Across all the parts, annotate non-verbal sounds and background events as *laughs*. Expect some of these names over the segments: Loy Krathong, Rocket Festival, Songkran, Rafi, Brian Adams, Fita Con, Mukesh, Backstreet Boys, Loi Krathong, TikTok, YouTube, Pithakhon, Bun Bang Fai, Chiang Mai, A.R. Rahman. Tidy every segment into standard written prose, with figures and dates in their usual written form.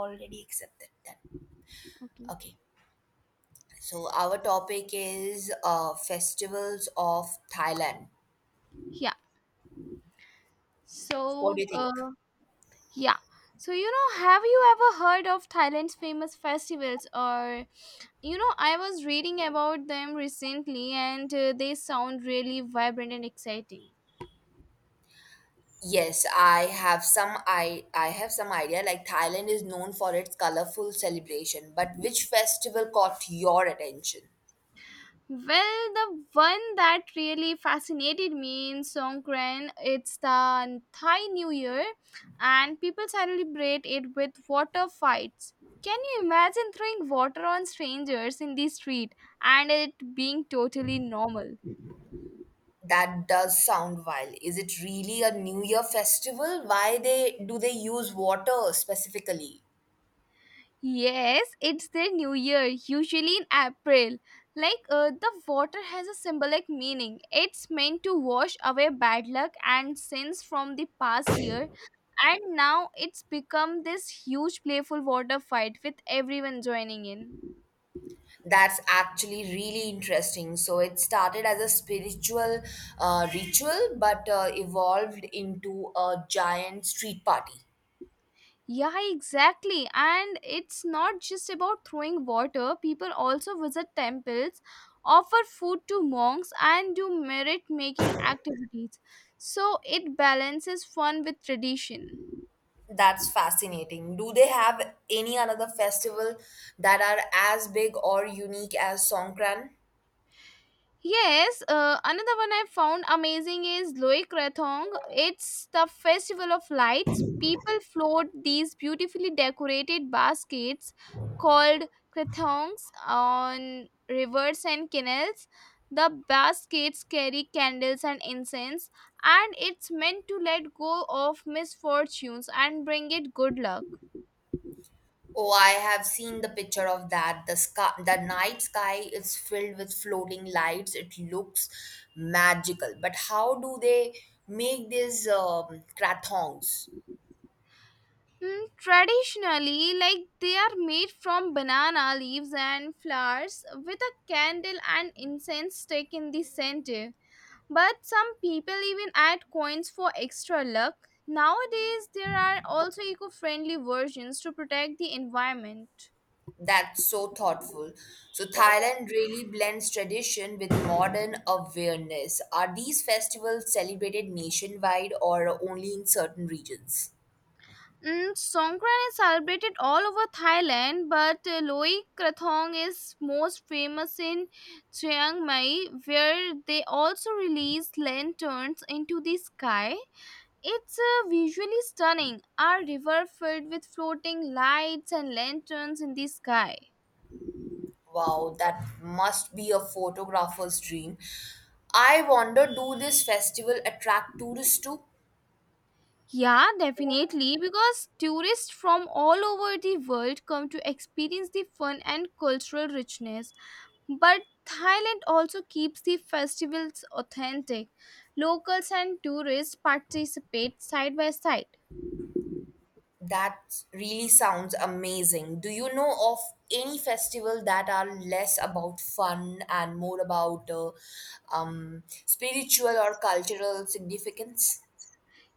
Already accepted that. Okay. Okay. So our topic is festivals of Thailand. Yeah. What do So, you think? Yeah. So, have you ever heard of Thailand's famous festivals? Or, I was reading about them recently and they sound really vibrant and exciting. Yes, I have some idea. Like Thailand is known for its colorful celebration, but which festival caught your attention? Well, the one that really fascinated me in Songkran, it's the Thai New Year, and people celebrate it with water fights. Can you imagine throwing water on strangers in the street and it being totally normal? That does sound wild. Is it really a New Year festival? Why they do they use water specifically? Yes, it's their new year, usually in April. Like the water has a symbolic meaning. It's meant to wash away bad luck and sins from the past year, and now it's become this huge playful water fight with everyone joining in. That's actually really interesting. So it started as a spiritual ritual, but evolved into a giant street party. Yeah, exactly. And it's not just about throwing water. People also visit temples, offer food to monks, and do merit making activities. So it balances fun with tradition. That's fascinating. Do they have any another festival that are as big or unique as Songkran? Yes, another one I found amazing is Loe Krathong. It's the festival of lights. People float these beautifully decorated baskets called krathongs on rivers and canals. The baskets carry candles and incense, and it's meant to let go of misfortunes and bring it good luck. Oh, I have seen the picture of that. The sky, the night sky is filled with floating lights. It looks magical. But how do they make these krathongs? Mm, traditionally, like they are made from banana leaves and flowers with a candle and incense stick in the center. But some people even add coins for extra luck. Nowadays, there are also eco friendly versions to protect the environment. That's so thoughtful. So, Thailand really blends tradition with modern awareness. Are these festivals celebrated nationwide or only in certain regions? Mm, Songkran is celebrated all over Thailand, but Loi Krathong is most famous in Chiang Mai, where they also release lanterns into the sky. It's visually stunning, a river filled with floating lights and lanterns in the sky. Wow, that must be a photographer's dream. I wonder do this festival attract tourists too? Yeah, definitely, because tourists from all over the world come to experience the fun and cultural richness. But Thailand also keeps the festivals authentic. Locals and tourists participate side by side. That really sounds amazing. Do you know of any festival that are less about fun and more about spiritual or cultural significance?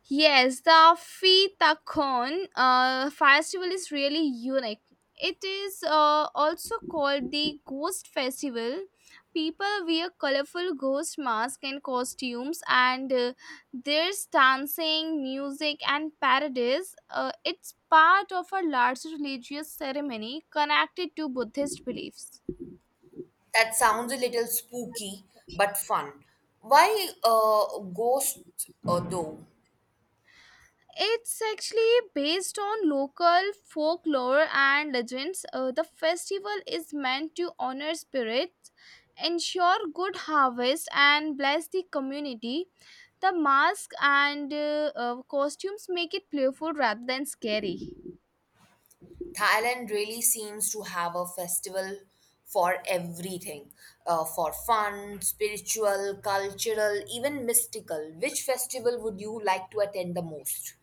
Yes, the Fita Con festival is really unique. It is also called the Ghost Festival. People wear colorful ghost masks and costumes, and there's dancing, music, and parades. It's part of a larger religious ceremony connected to Buddhist beliefs. That sounds a little spooky, but fun. Why ghosts, though? It's actually based on local folklore and legends. The festival is meant to honor spirits, ensure good harvest, and bless the community. The mask and costumes make it playful rather than scary. Thailand really seems to have a festival for everything, for fun, spiritual, cultural, even mystical. Which festival would you like to attend the most?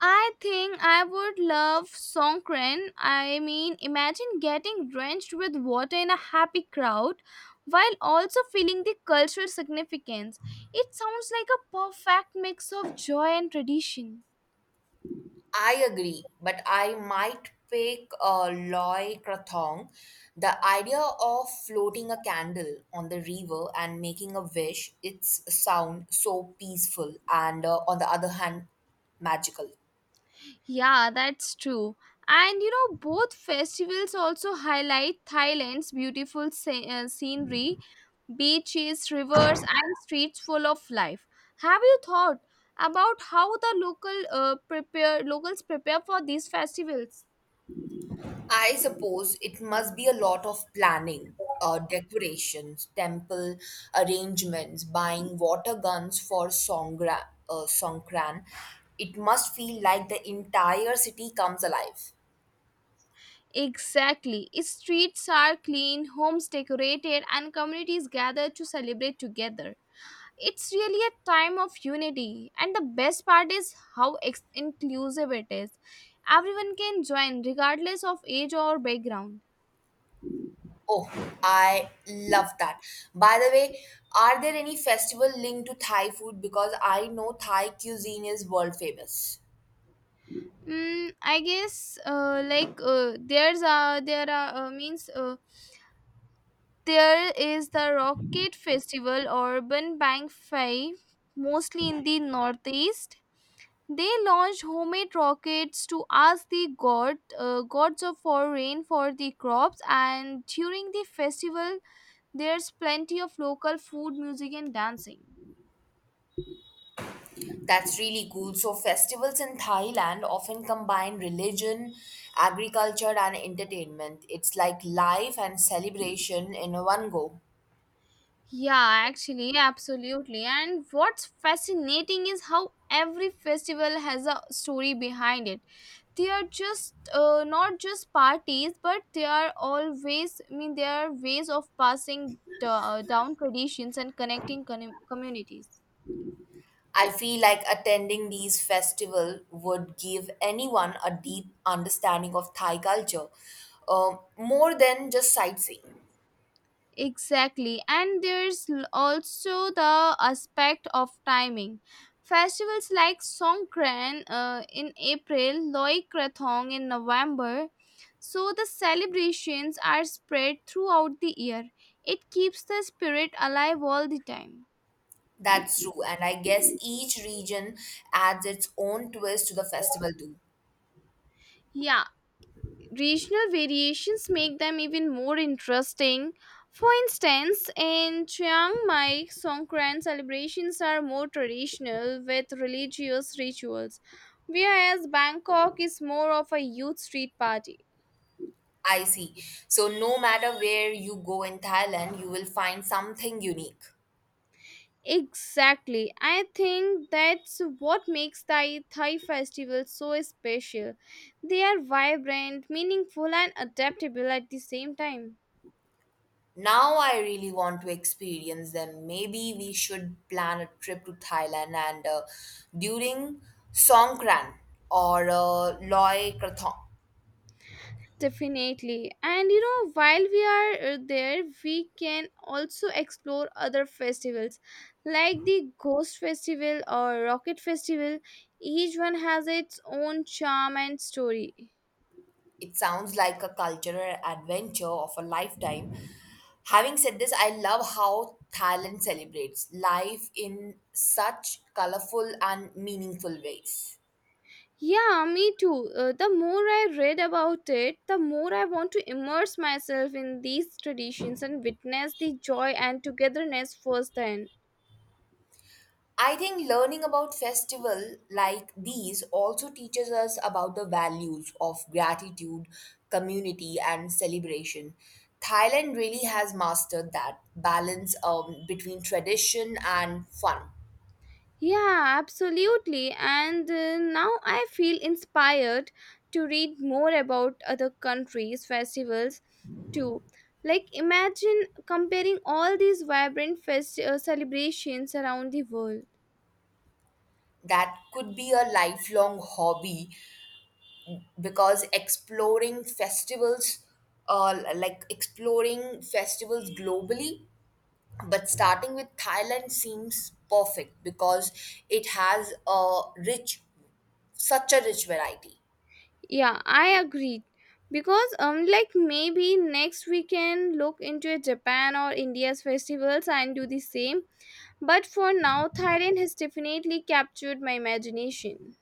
I think I would love Songkran. I mean, imagine getting drenched with water in a happy crowd while also feeling the cultural significance. It sounds like a perfect mix of joy and tradition. I agree, but I might pick Loy Krathong. The idea of floating a candle on the river and making a wish, it's sound so peaceful and, on the other hand, magical. Yeah, that's true. And you know, both festivals also highlight Thailand's beautiful scenery, beaches, rivers, and streets full of life. Have you thought about how the locals prepare for these festivals? I suppose it must be a lot of planning, decorations, temple arrangements, buying water guns for Songkran. It must feel like the entire city comes alive. Exactly. Streets are clean, homes decorated, and communities gather to celebrate together. It's really a time of unity, and the best part is how inclusive it is. Everyone can join, regardless of age or background. Oh, I love that. By the way, are there any festival linked to Thai food? Because I know Thai cuisine is world famous. Mm, I guess like there are means there is the Rocket Festival or Urban Bank Five, mostly in the northeast. They launch homemade rockets to ask the god gods of for rain for the crops, and during the festival, there's plenty of local food, music, and dancing. That's really cool. So, festivals in Thailand often combine religion, agriculture, and entertainment. It's like life and celebration in one go. Yeah, actually, absolutely. And what's fascinating is how every festival has a story behind it. They are just not just parties, but they are always, I mean, they are ways of passing down traditions and connecting communities. I feel like attending these festivals would give anyone a deep understanding of Thai culture, more than just sightseeing. Exactly. And there's also the aspect of timing. Festivals like Songkran in April, Loy Krathong in November. So the celebrations are spread throughout the year. It keeps the spirit alive all the time. That's true, and I guess each region adds its own twist to the festival too. Yeah, regional variations make them even more interesting. For instance, in Chiang Mai, Songkran celebrations are more traditional with religious rituals, whereas Bangkok is more of a youth street party. I see. So no matter where you go in Thailand, you will find something unique. Exactly. I think that's what makes Thai festivals so special. They are vibrant, meaningful and adaptable at the same time. Now I really want to experience them. Maybe we should plan a trip to Thailand and during Songkran or Loy Krathong. Definitely. And you know, while we are there, we can also explore other festivals like the Ghost Festival or Rocket Festival. Each one has its own charm and story. It sounds like a cultural adventure of a lifetime. Having said this, I love how Thailand celebrates life in such colorful and meaningful ways. Yeah, me too. The more I read about it, the more I want to immerse myself in these traditions and witness the joy and togetherness firsthand. I think learning about festivals like these also teaches us about the values of gratitude, community, and celebration. Thailand really has mastered that balance between tradition and fun. Yeah, absolutely. And now I feel inspired to read more about other countries' festivals too. Like, imagine comparing all these vibrant celebrations around the world. That could be a lifelong hobby because exploring festivals globally, but starting with thailand seems perfect because it has a rich such a rich variety. Yeah, I agree. Because like maybe next we can look into Japan or India's festivals and do the same. But for now, Thailand has definitely captured my imagination.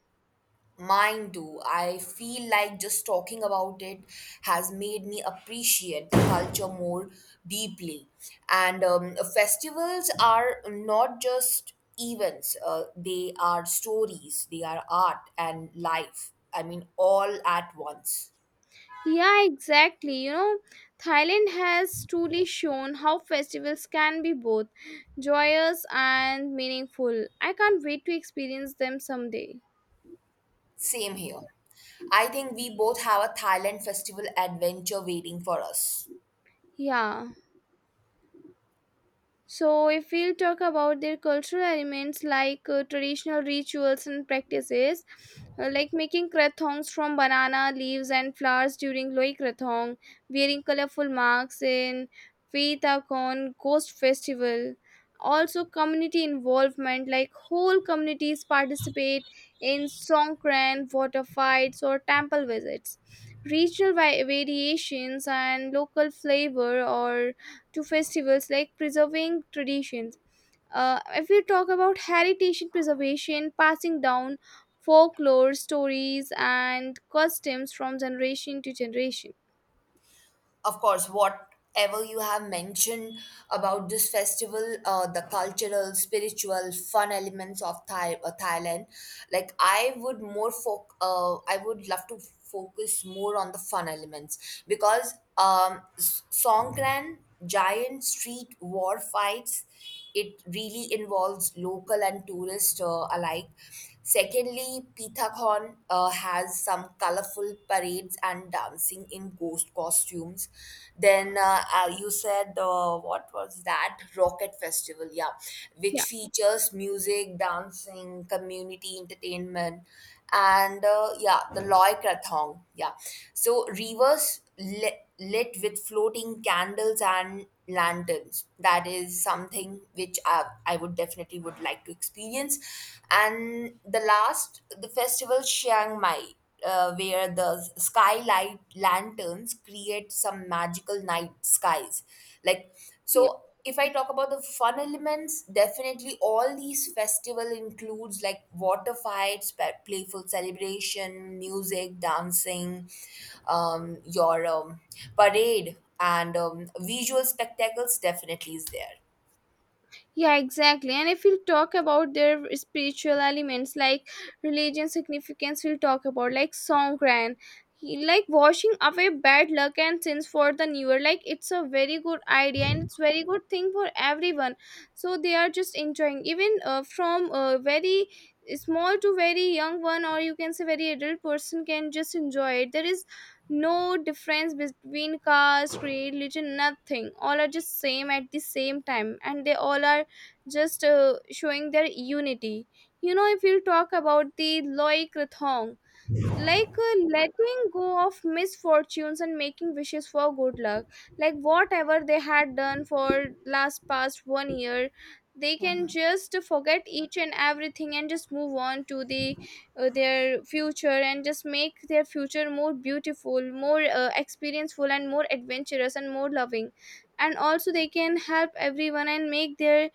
Mine do. I feel like just talking about it has made me appreciate the culture more deeply. And festivals are not just events, they are stories, they are art and life. I mean, all at once. Yeah, exactly. You know, Thailand has truly shown how festivals can be both joyous and meaningful. I can't wait to experience them someday. Same here. I think we both have a Thailand festival adventure waiting for us. Yeah. So, if we'll talk about their cultural elements, like traditional rituals and practices, like making krathongs from banana leaves and flowers during Loi Krathong, wearing colorful masks in Kon Ghost Festival. Also, community involvement, like whole communities participate in Songkran, water fights, or temple visits. Regional variations and local flavor or to festivals like preserving traditions. If we talk about heritage preservation, passing down folklore stories and customs from generation to generation. Of course, whatever you have mentioned about this festival, the cultural, spiritual, fun elements of Thailand, like I would love to focus more on the fun elements because Songkran giant street war fights. It really involves local and tourist alike. Secondly, Pithakhon has some colorful parades and dancing in ghost costumes. Then you said, what was that? Rocket Festival, yeah, Yeah. which features music, dancing, community entertainment. And yeah, the Loy Krathong. Yeah, so rivers lit with floating candles and lanterns. That is something which I would definitely would like to experience. And the last, the festival Chiang Mai. Where the skylight lanterns create some magical night skies, like, Yeah. so if I talk about the fun elements, definitely all these festival includes like water fights, playful celebration, music, dancing, your parade, and visual spectacles definitely is there. Yeah, exactly. And if we talk about their spiritual elements, like religion significance, we'll talk about like Songkran, like washing away bad luck and sins for the newer. Like, it's a very good idea and it's very good thing for everyone. So they are just enjoying, even from very small to very young one, or you can say very adult person can just enjoy it. There is no difference between caste, creed, religion, nothing. All are just same at the same time, and they all are just showing their unity. You know, if you talk about the Loic Rathong, like letting go of misfortunes and making wishes for good luck, like whatever they had done for last past one year, they can Hmm. just forget each and everything and just move on to their future and just make their future more beautiful, more experienceful, and more adventurous and more loving, and also they can help everyone and make their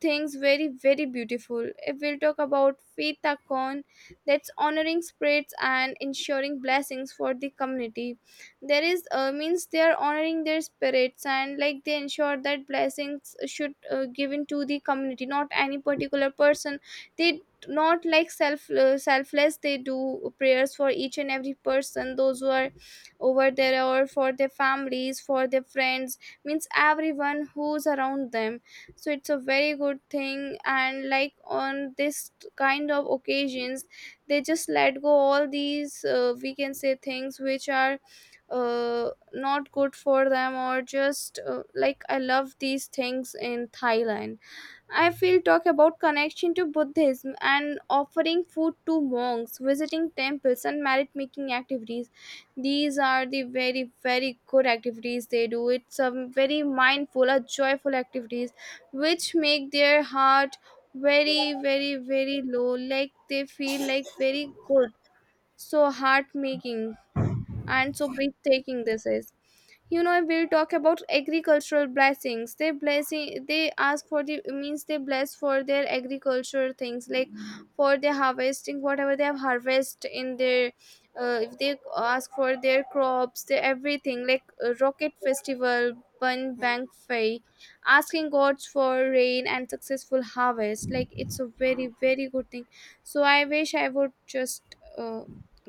things very, very beautiful. If we'll talk about Faith Akon, that's honoring spirits and ensuring blessings for the community. There is means they are honoring their spirits, and like they ensure that blessings should given to the community, not any particular person. They not like selfless. They do prayers for each and every person those who are over there, or for their families, for their friends, means everyone who's around them. So it's a very good thing, and like, on this kind of occasions, they just let go all these, we can say, things which are not good for them, or just like I love these things in Thailand. I feel talk about connection to Buddhism and offering food to monks, visiting temples, and merit making activities. These are the very, very good activities they do. It's a very mindful, a joyful activities which make their heart very, very, very low. Like, they feel like very good. So heart making and so breathtaking this is. You know, we'll talk about agricultural blessings. They blessing, they ask for the, means they bless for their agricultural things, like for their harvesting, whatever they have harvest in their, if they ask for their crops, their everything, like rocket festival, bun bank fei, asking gods for rain and successful harvest. Like, it's a very, very good thing. So I wish I would just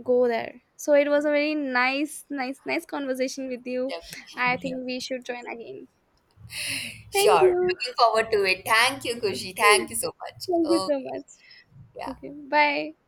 go there. So it was a very nice, nice, nice conversation with you. I think Definitely. *laughs* we should join again. Thank Sure. you. Looking forward to it. Thank you, Kushi. *laughs* Thank you so much. Thank you so Okay. much. Yeah. Okay, bye.